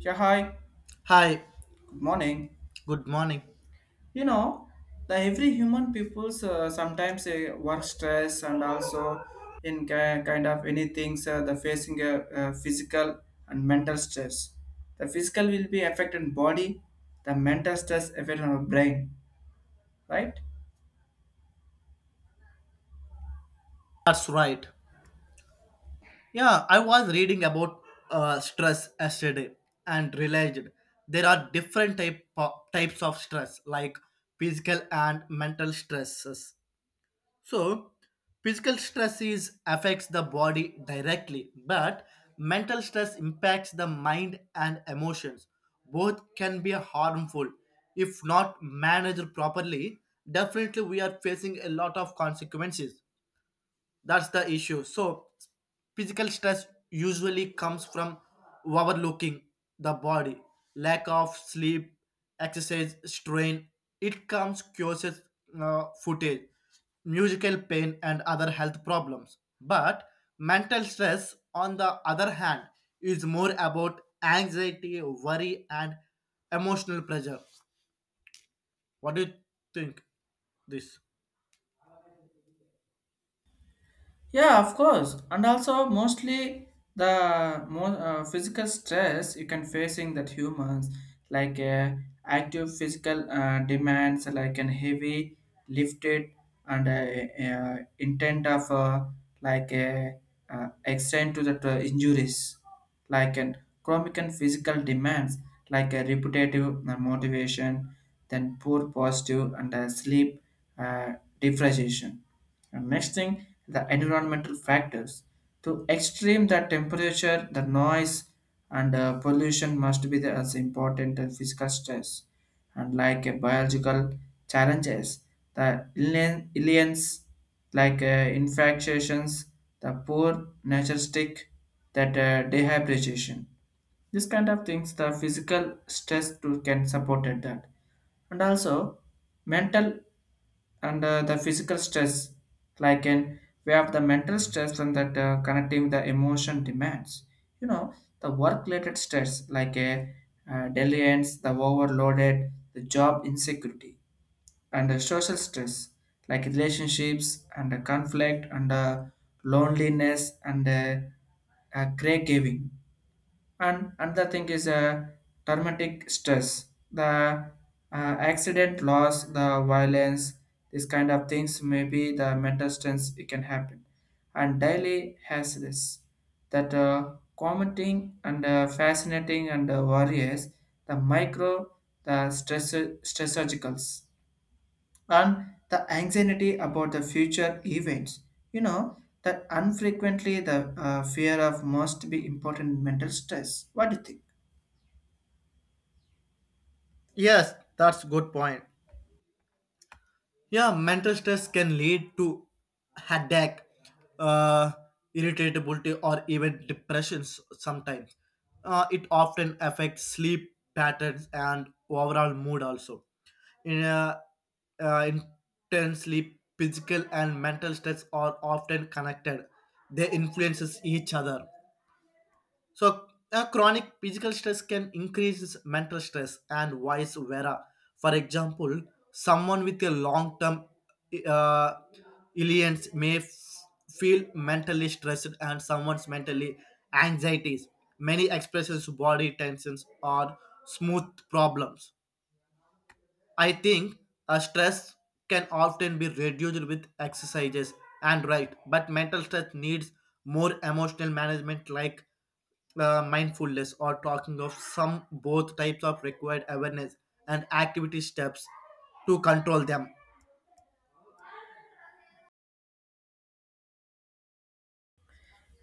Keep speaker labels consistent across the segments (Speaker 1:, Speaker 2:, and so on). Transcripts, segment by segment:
Speaker 1: Yeah, hi.
Speaker 2: Hi,
Speaker 1: Good morning.
Speaker 2: good morning.
Speaker 1: You know, the every human peoples sometimes work stress and also in kind of any things the facing a, physical and mental stress. The physical will be affected in body, the mental stress affect our brain, right?
Speaker 2: That's right. Yeah, I was reading about stress yesterday and realized there are different types of stress, like physical and mental stresses. So, physical stress is affects the body directly, but mental stress impacts the mind and emotions. Both can be harmful if not managed properly. Definitely, we are facing a lot of consequences. That's the issue. So physical stress usually comes from overlooking the body, lack of sleep, exercise strain. It comes causes footage, musical pain and other health problems. But mental stress, on the other hand, is more about anxiety, worry and emotional pressure. What do you think this?
Speaker 1: Yeah, of course. And also, mostly the more physical stress you can facing that humans like active physical demands like an heavy lifted and intent of like extend to the injuries like an chronic and physical demands like a repetitive motivation then poor positive and sleep uh, deprivation and next thing, the environmental factors. To extreme the temperature, the noise, and pollution must be the, as important as physical stress. And like biological challenges, the aliens, like infections, the poor nature stick, that dehydration. This kind of things, the physical stress too can support at that and also mental and the physical stress like in we have the mental stress and that connecting the emotion demands, you know, the work related stress like a delayance the overloaded the job insecurity and the social stress like relationships and the conflict and loneliness and caregiving and another thing is traumatic stress, the accident, loss, the violence, this kind of things. Maybe the mental stress it can happen, and daily has this that commenting and fascinating and worries, the micro, the stress stressogicals, and the anxiety about the future events. You know that unfrequently the fear of must be important mental stress. What do you think?
Speaker 2: Yes, that's good point. Yeah, mental stress can lead to headache, uh, irritability, or even depressions sometimes. It often affects sleep patterns and overall mood also. In a, uh, Intensely, physical and mental stress are often connected. They influences each other. So, chronic physical stress can increase mental stress and vice versa. For example, someone with a long term uh, illness may feel mentally stressed, and someone's mentally anxieties. Many expressions, body tensions, or smooth problems. I think stress can often be reduced with exercises and right, but mental stress needs more emotional management like mindfulness or talking of some both types of required awareness and activity steps to control them.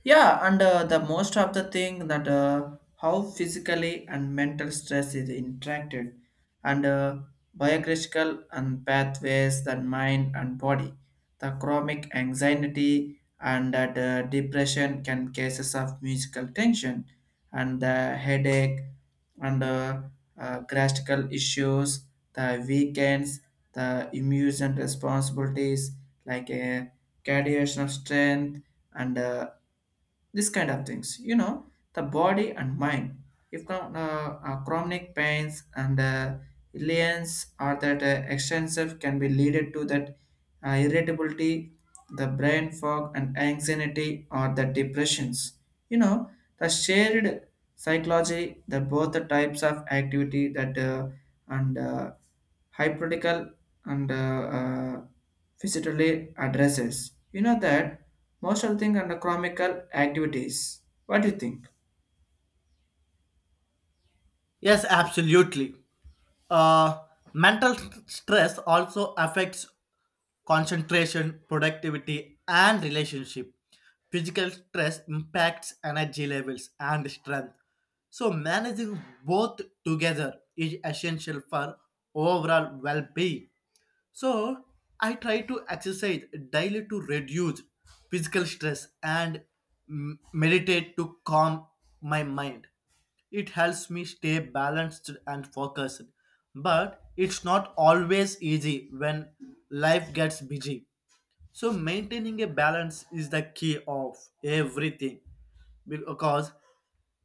Speaker 1: Yeah, and the most of the thing that how physically and mental stress is interacted, and biographical and pathways that mind and body, the chronic anxiety and that depression can cases of musical tension, and the headache, and gastrical issues, the weekends, the immune responsibilities like a cardiovascular strength and this kind of things, you know, the body and mind if chronic pains and liens or that extensive can be leaded to that irritability, the brain fog, and anxiety or the depressions. You know, the shared psychology, the both the types of activity that and hypothetical and physically addresses. You know that most of the thing under chronical activities. What do you think?
Speaker 2: Yes, absolutely. Uh, mental stress also affects concentration, productivity, and relationship. Physical stress impacts energy levels and strength. So, managing both together is essential for overall well being. So I try to exercise daily to reduce physical stress and meditate to calm my mind. It helps me stay balanced and focused. But it's not always easy when life gets busy. So maintaining a balance is the key of everything, because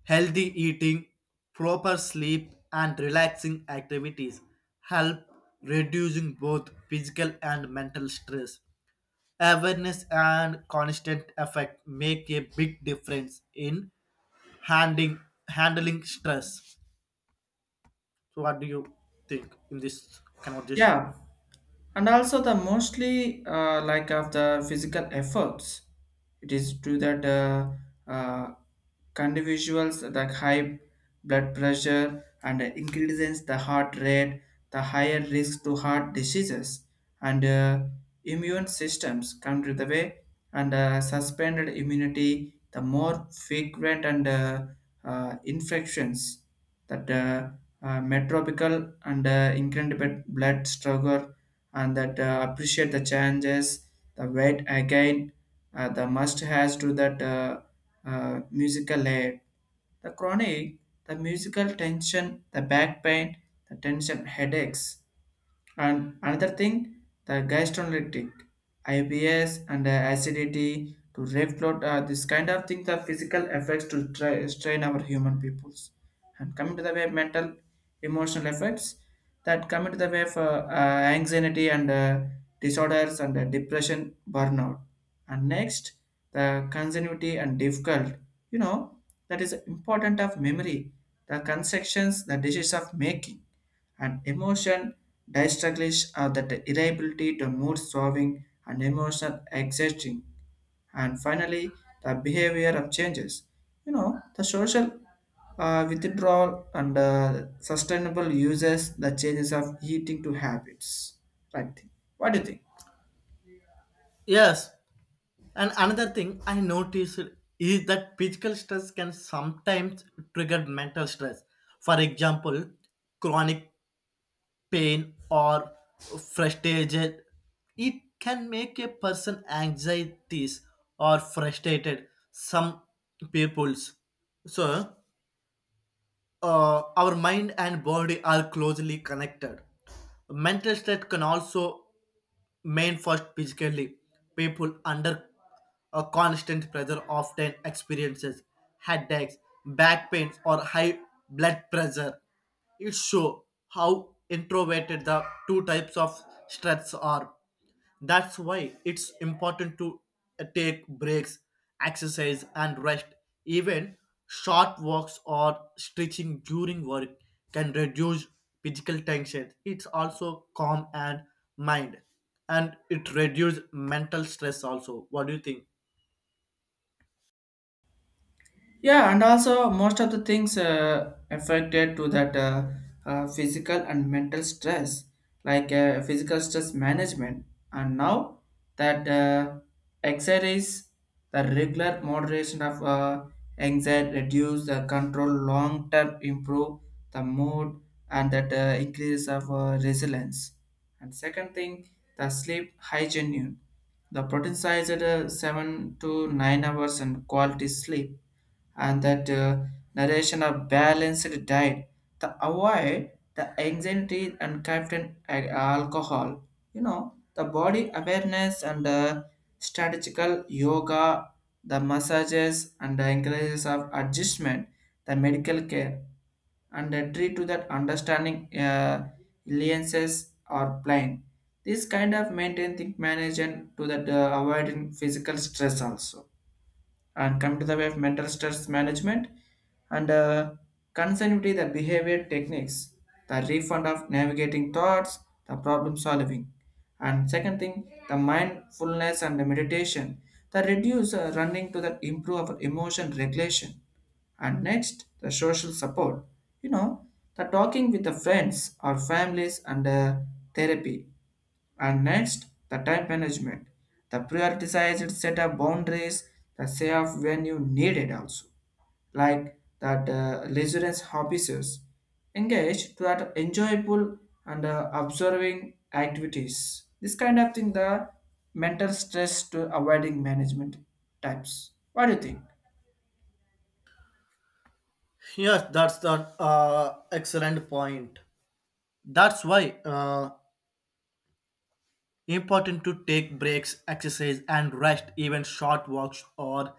Speaker 2: healthy eating, proper sleep and relaxing activities help reducing both physical and mental stress. Awareness and constant effort make a big difference in handling handling stress. So what do you think in this conversation?
Speaker 1: Yeah, and also the mostly like of the physical efforts. It is true that uh, individuals like high blood pressure and increases the heart rate, the higher risk to heart diseases and immune systems come to the way and suspended immunity, the more frequent and infections that metropical and incredible blood struggle and that appreciate the changes the weight again the must has to that musical layer the chronic the musical tension the back pain the tension headaches and another thing the gastrolytic IBS and acidity to reflux this kind of thing the physical effects to try, strain our human peoples and coming to the way of mental emotional effects that coming to the way of anxiety and disorders and depression, burnout. And next, the continuity and difficult. You know, that is important of memory, the constructions, the dishes of making, and emotion distraglish are that irritability to mood solving and emotional exhausting and finally the behavior of changes, you know, the social withdrawal and sustainable uses the changes of eating to habits, right? What do you think?
Speaker 2: Yes. And another thing I noticed is that physical stress can sometimes trigger mental stress. For example, chronic pain or frustration. It can make a person anxieties or frustrated. Some people's. So our mind and body are closely connected. Mental state can also manifest physically. People under a constant pressure often experiences headaches, back pains, or high blood pressure. It shows how introverted the two types of stress are. That's why it's important to take breaks, exercise, and rest. Even short walks or stretching during work can reduce physical tension. It's also calm and mind, and it reduces mental stress. Also, what do you think?
Speaker 1: Yeah, and also most of the things affected to that physical and mental stress, like physical stress management, and now that exercise, the regular moderation of anxiety reduce the control, long term improve the mood, and that increase of resilience. And second thing, the sleep hygiene. The protein size at 7 to 9 hours and quality sleep and that narration are balanced diet to avoid the anxiety and content alcohol. You know, the body awareness and strategical yoga, the massages and the encourages of adjustment, the medical care and treat to that understanding alliances or plain. This kind of maintain think management to that avoiding physical stress also and come to the way of mental stress management and continuity the behavior techniques the refund of navigating thoughts the problem solving and second thing the mindfulness and the meditation the reduce running to the improve our emotion regulation and next the social support, you know, the talking with the friends or families and therapy and next, the time management. The prioritized set of boundaries, the say of when you need it also. Like that residence hobbies, engage to that enjoyable and observing activities. This kind of thing, the mental stress to avoiding management types. What do you think?
Speaker 2: Yes, that's the excellent point. That's why important to take breaks, exercise, and rest. Even short walks or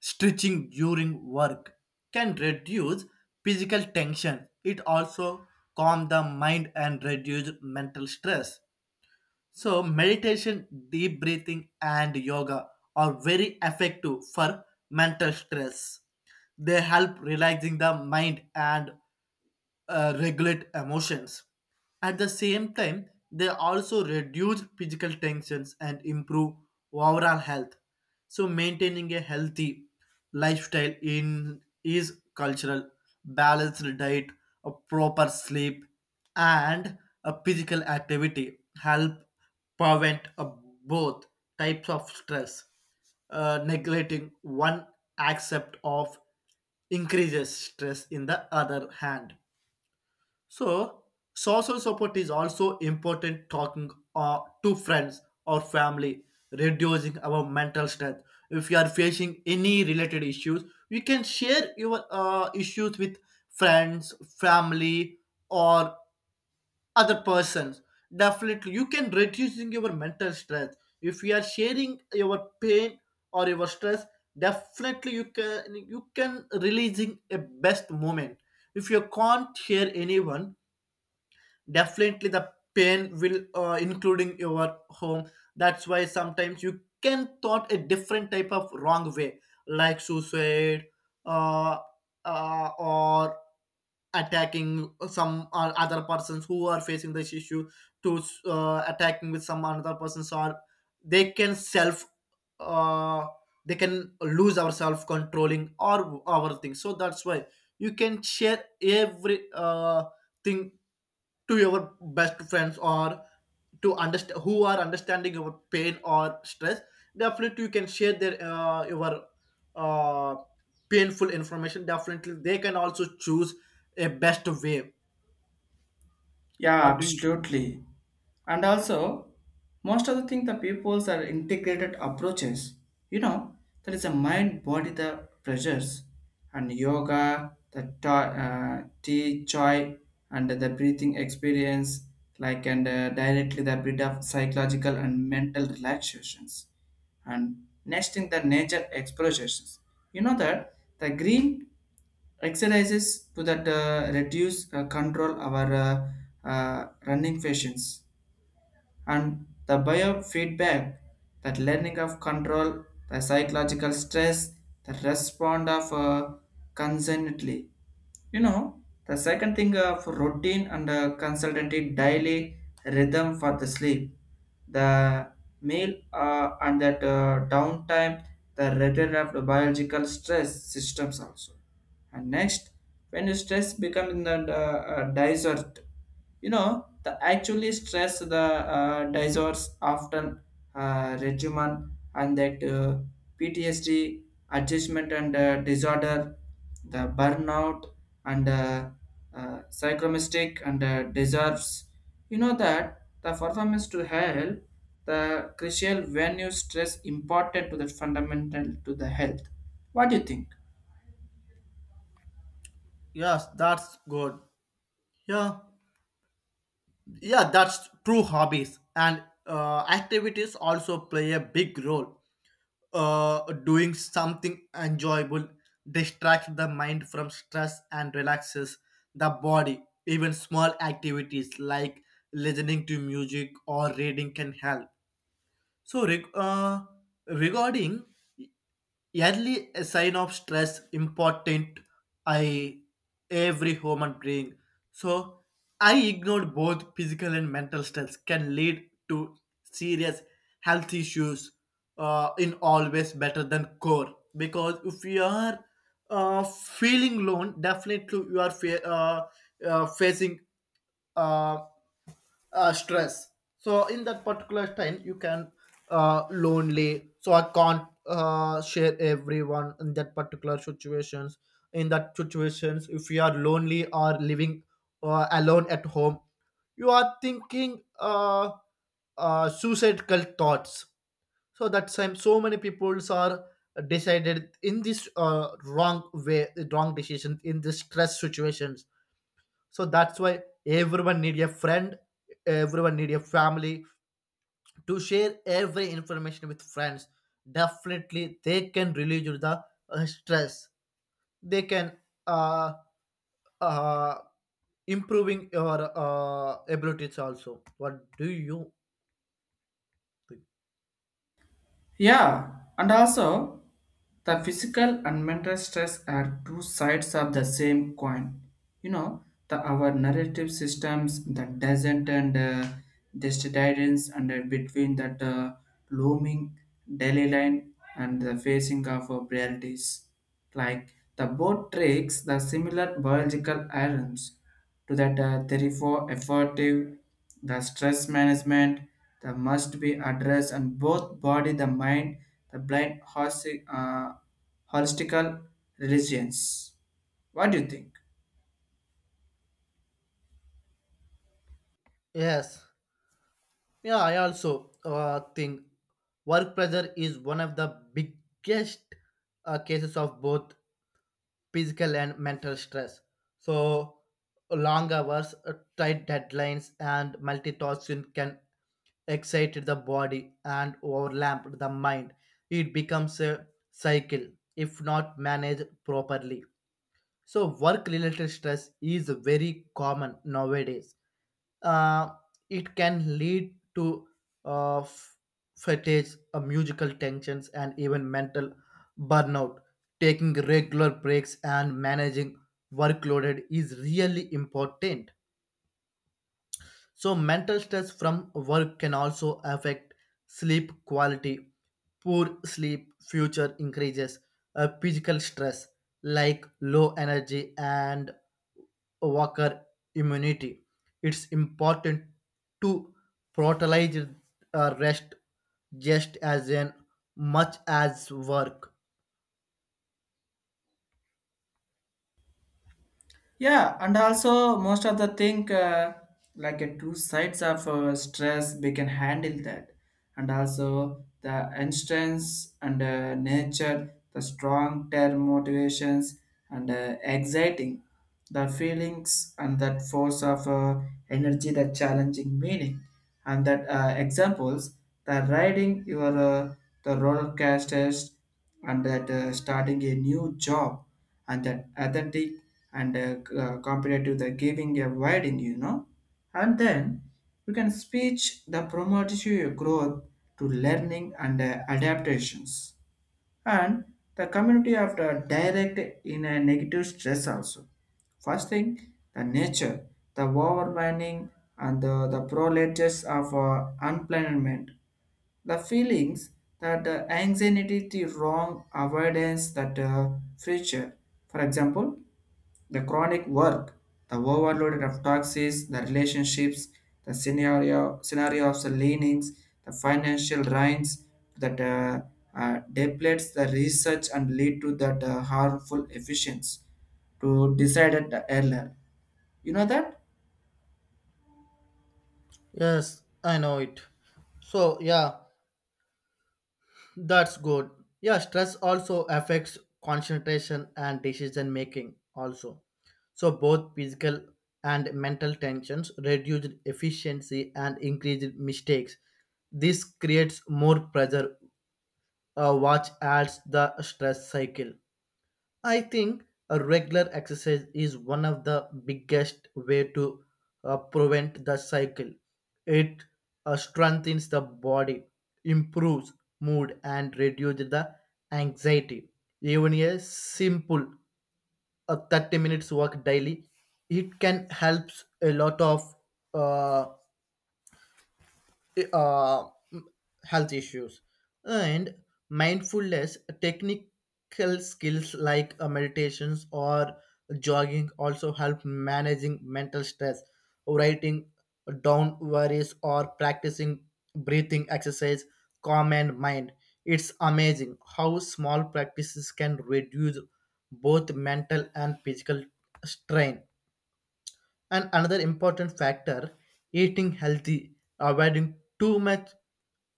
Speaker 2: stretching during work can reduce physical tension. It also calm the mind and reduce mental stress. So meditation, deep breathing, and yoga are very effective for mental stress. They help relaxing the mind and regulate emotions. At the same time, they also reduce physical tensions and improve overall health. So, maintaining a healthy lifestyle in is cultural, balanced diet, a proper sleep, and a physical activity help prevent both types of stress. Neglecting one aspect of increases stress in the other hand. So, social support is also important, talking to friends or family, reducing our mental strength. If you are facing any related issues, you can share your issues with friends, family, or other persons. Definitely, you can reducing your mental stress. If you are sharing your pain or your stress, definitely you can releasing a best moment. If you can't share anyone, definitely the pain will including your home. That's why sometimes you can thought a different type of wrong way, like suicide, uh, or attacking some or other persons who are facing this issue, to attacking with some another persons, or they can self uh, they can lose our self controlling or our thing. So that's why you can share every thing to your best friends or to understand who are understanding your pain or stress. Definitely you can share their your uh, painful information. Definitely they can also choose a best way.
Speaker 1: Yeah,
Speaker 2: What do you?
Speaker 1: absolutely. And also, most of the thing the peoples are integrated approaches. You know, there is a mind body the pressures and yoga, the tea, chai, and the breathing experience, like and directly the bit of psychological and mental relaxations. And next thing the nature explorations. You know that the green exercises to that reduce control our running patients and the biofeedback that learning of control the psychological stress the respond of concernedly, you know, the second thing of routine and consultancy daily rhythm for the sleep, the meal and that downtime, the return of the biological stress systems also. And next, when the stress becomes the desert, you know the actually stress the disorder often regimen and that PTSD adjustment and disorder the burnout and psychomistic and deserves, you know that the performance to help the crucial when you stress important to the fundamental to the health. What do you think?
Speaker 2: Yes, that's good. Yeah. Yeah, that's true. Hobbies and activities also play a big role. Uh, doing something enjoyable distracts the mind from stress and relaxes the body. Even small activities like listening to music or reading can help. So, regarding early a sign of stress important, I every human being. So I ignored both physical and mental stress can lead to serious health issues. Uh, in always better than core, because if you are feeling alone, definitely you are facing uh, stress. So in that particular time you can lonely, so I can't share everyone in that particular situations. In that situations, if you are lonely or living alone at home, you are thinking suicidal thoughts. So that time so many peoples are decided in this wrong way, wrong decision in this stress situations. So that's why everyone need a friend, everyone need a family to share every information with friends. Definitely they can relieve the stress. They can uh, uh, improving your abilities also. What do you think?
Speaker 1: Yeah, and also the physical and mental stress are two sides of the same coin. You know, the our narrative systems that doesn't and distance and between that looming daily line and the facing of realities. Like the boat takes the similar biological irons to that therefore effective the stress management that must be addressed and both body the mind the blind holistic holistical religions. What do you think?
Speaker 2: Yes. Yeah, I also think work pressure is one of the biggest cases of both physical and mental stress. So, long hours, tight deadlines, and multitasking can excite the body and overlap the mind. It becomes a cycle if not managed properly. So, work related stress is very common nowadays. Uh, it can lead to uh, f- fatigue, musical tensions, and even mental burnout. Taking regular breaks and managing workload is really important. So, mental stress from work can also affect sleep quality. Poor sleep future increases physical stress like low energy and worker immunity. It's important to prioritize rest just as in much as work.
Speaker 1: Yeah, and also most of the thing like a two sides of stress we can handle that, and also the instance and nature, the strong term motivations and exciting, the feelings and that force of energy, the challenging meaning, and that examples the riding your the roller coasters and that starting a new job and that authentic and compared the giving a widening, you know. And then you can speech the promotes your growth to learning and adaptations. And the community after direct in a negative stress also. First thing, the nature, the overwhelming and the proletariats of unplanned the feelings that the anxiety the wrong avoidance that future, for example, the chronic work the overloaded of toxins the relationships the scenario of the leanings the financial drains that depletes the research and lead to that harmful efficiency to decide at the earlier, you know that.
Speaker 2: Yes, I know it. So, yeah, that's good. Yeah, stress also affects concentration and decision making also. So both physical and mental tensions reduce efficiency and increase mistakes. This creates more pressure, which adds the stress cycle. I think a regular exercise is one of the biggest way to prevent the cycle. It strengthens the body, improves mood, and reduces the anxiety. Even a simple 30 minutes walk daily, it can help a lot of uh, uh, health issues and mindfulness technical skills like meditations or jogging also help managing mental stress, writing down worries or practicing breathing exercise calm and mind. It's amazing how small practices can reduce both mental and physical strain. And another important factor, eating healthy, avoiding too much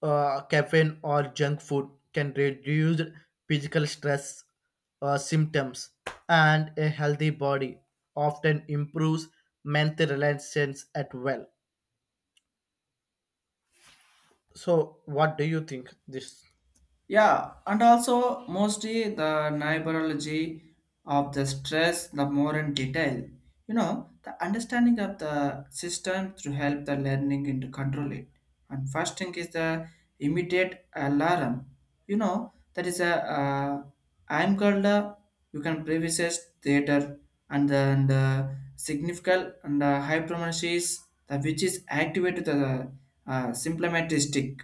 Speaker 2: caffeine or junk food can reduce physical stress symptoms, and a healthy body often improves mental relations at well. So, what do you think?
Speaker 1: Yeah, and also mostly the neurology of the stress, the more in detail. You know, the understanding of the system to help the learning and to control it. And first thing is the immediate alarm. You know, that is a I'm called you can previous theater and significant and hypermonesis the which is activated the symptomatistic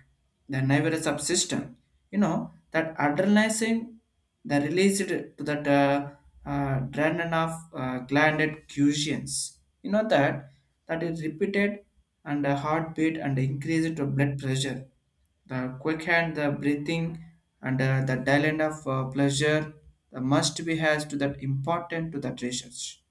Speaker 1: the nervous subsystem. You know that adrenaline the released to that adrenaline of glanded cushions. You know that that is repeated and heartbeat and increased to blood pressure the quickened the breathing and the dialect of pleasure the must be has to that important to that research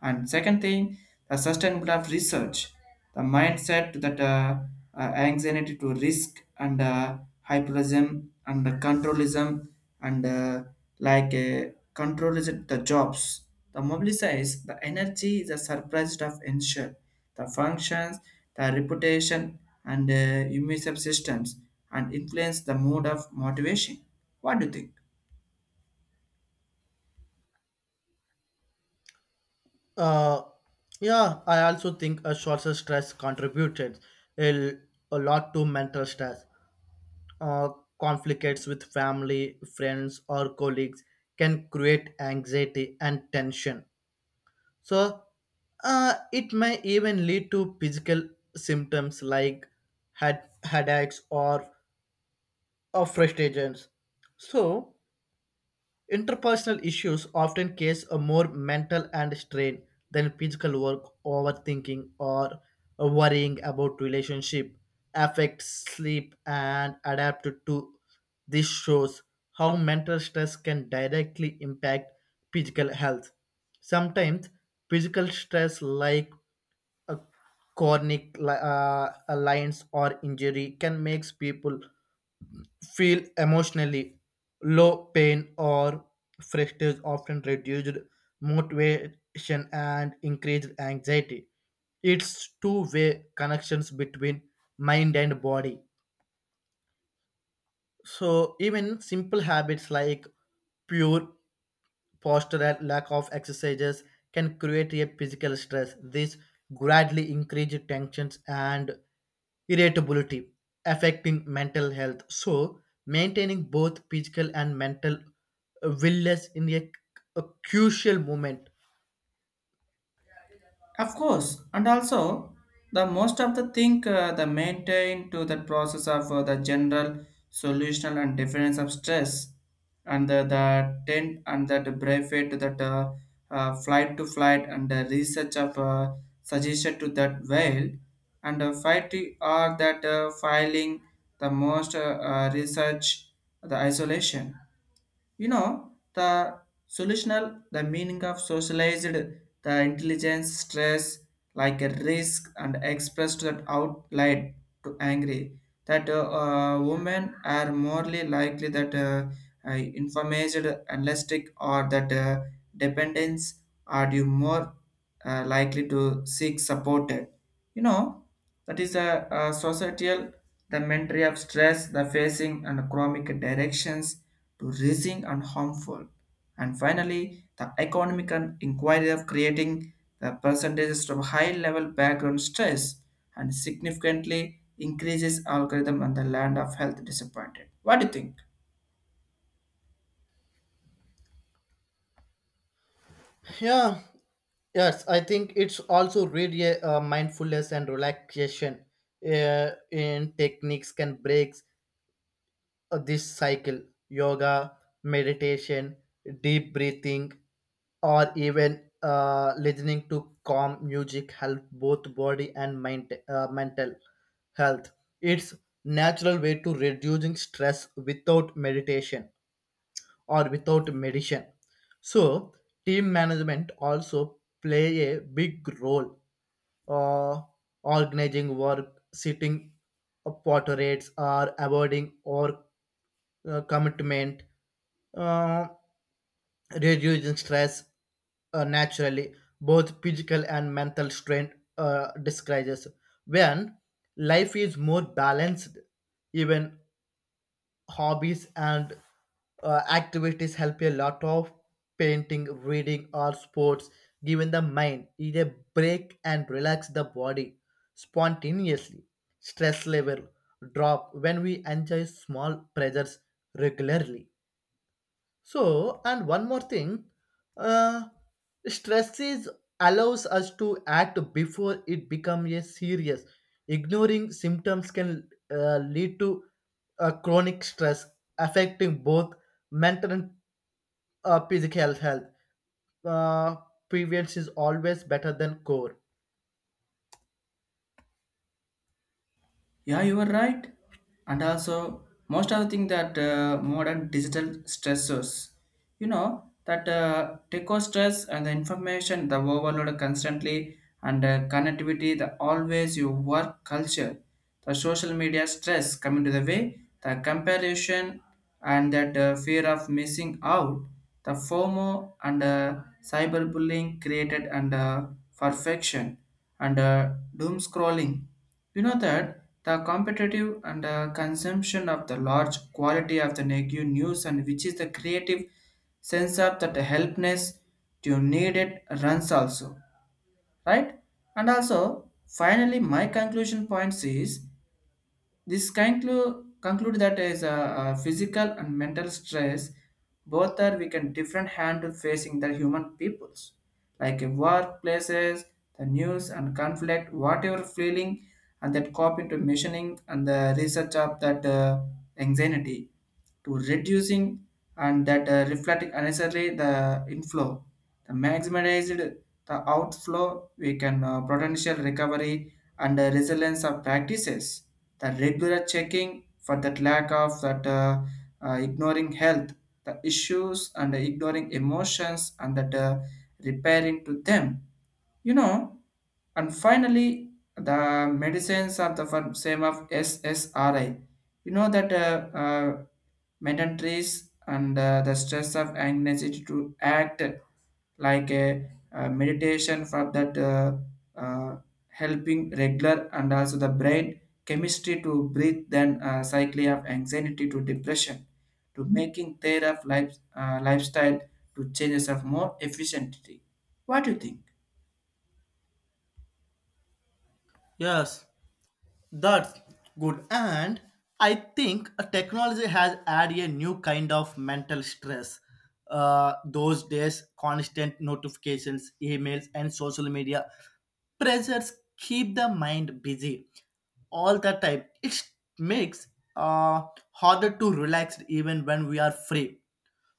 Speaker 1: and second thing, the sustainable of research, the mindset that anxiety to risk and hyperism and the controlism and like control is it the jobs. The mobilize the energy is a surprise of ensure the functions, the reputation and immune systems and influence the mode of motivation. What do you think?
Speaker 2: uh, yeah, I also think a shorter stress contributed a, a lot to mental stress. Uh, conflicts with family, friends, or colleagues can create anxiety and tension. So, it may even lead to physical symptoms like headaches or frustrations. So, interpersonal issues often cause a more mental and strain than physical work, overthinking, or worrying about relationship affects sleep and adapt to. This shows how mental stress can directly impact physical health. Sometimes physical stress like a chronic lines or injury can make people feel emotionally. Low pain or frustration often reduced motivation and increased anxiety. It's two-way connections between mind and body. So even simple habits like pure postural lack of exercises can create a physical stress. This gradually increases tensions and irritability, affecting mental health. So, maintaining both physical and mental wellness in a crucial moment.
Speaker 1: Of course, and also the most of the thing the maintain to the process of the general solution and difference of stress and the tent and that benefit to that flight to flight and the research of suggestion to that whale and fight are that filing the most research the isolation, you know, the solutional, the meaning of socialized, the intelligence, stress, like a risk and expressed that outlet to angry. That women are morely likely that information, elastic, or that dependence are you more likely to seek supported. You know, that is a societal the mentality of stress, the facing and chronic directions, to raising and harmful. And finally, the economic and inquiry of creating the percentages from high level background stress and significantly increases algorithm and the land of health disappointed. What do you think?
Speaker 2: Yeah, yes, I think it's also really mindfulness and relaxation in techniques can breaks this cycle, yoga, meditation, deep breathing, or even listening to calm music help both body and mind, mental health. It's natural way to reducing stress without meditation or without medicine. So, team management also play a big role. Uh, organizing work, setting pot rates, or avoiding or commitment, uh, reducing stress naturally, both physical and mental strain decreases. When life is more balanced, even hobbies and activities help a lot of painting, reading or sports, giving the mind is a break and relax the body spontaneously. Stress level drop when we enjoy small pleasures regularly. So, and one more thing, uh, stress is allows us to act before it becomes a serious. Ignoring symptoms can lead to chronic stress affecting both mental and physical health. Uh, prevention is always better than cure.
Speaker 1: Yeah, you are right. And also, most of the thing that modern digital stressors, you know, that techo stress and the information, the overload constantly, and connectivity, the always you work culture, the social media stress coming to the way, the comparison and that fear of missing out, the FOMO and cyberbullying created and perfection and doom scrolling, you know that the competitive and consumption of the large quality of the negative news and which is the creative sense of that helpness to need it runs also, right? And also, finally, my conclusion points is this conclude that is a, physical and mental stress, both are we can different handle facing the human peoples, like in workplaces, the news and conflict, whatever feeling, and that coping to machining and the research of that anxiety to reducing and that reflecting unnecessarily the inflow. The maximized the outflow, we can potential recovery and resilience of practices. The regular checking for that lack of that ignoring health, the issues and ignoring emotions and that repairing to them. You know, and finally, the medicines of the firm same of SSRI. You know that mandatories and the stress of anxiety to act like a, meditation for that uh, helping regular and also the brain chemistry to breathe then cycle of anxiety to depression to making their of life, lifestyle to changes of more efficiency. What do you think?
Speaker 2: Yes, that's good. And I think technology has added a new kind of mental stress. Those days, constant notifications, emails, and social media pressures keep the mind busy all the time. It makes uh, harder to relax even when we are free.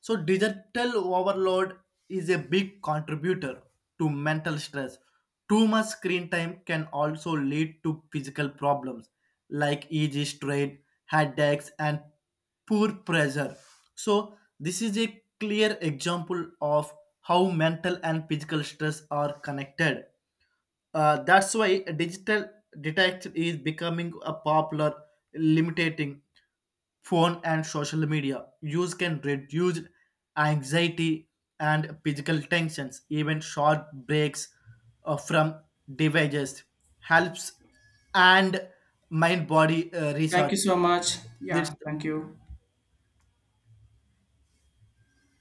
Speaker 2: So, digital overload is a big contributor to mental stress. Too much screen time can also lead to physical problems like EG strain, headaches, and poor pressure. So, this is a clear example of how mental and physical stress are connected. That's why digital detection is becoming a popular, limiting phone and social media use can reduce anxiety and physical tensions. Even short breaks from devices helps and mind body
Speaker 1: Thank
Speaker 2: research
Speaker 1: you so much.
Speaker 2: this.
Speaker 1: Yeah, thank you.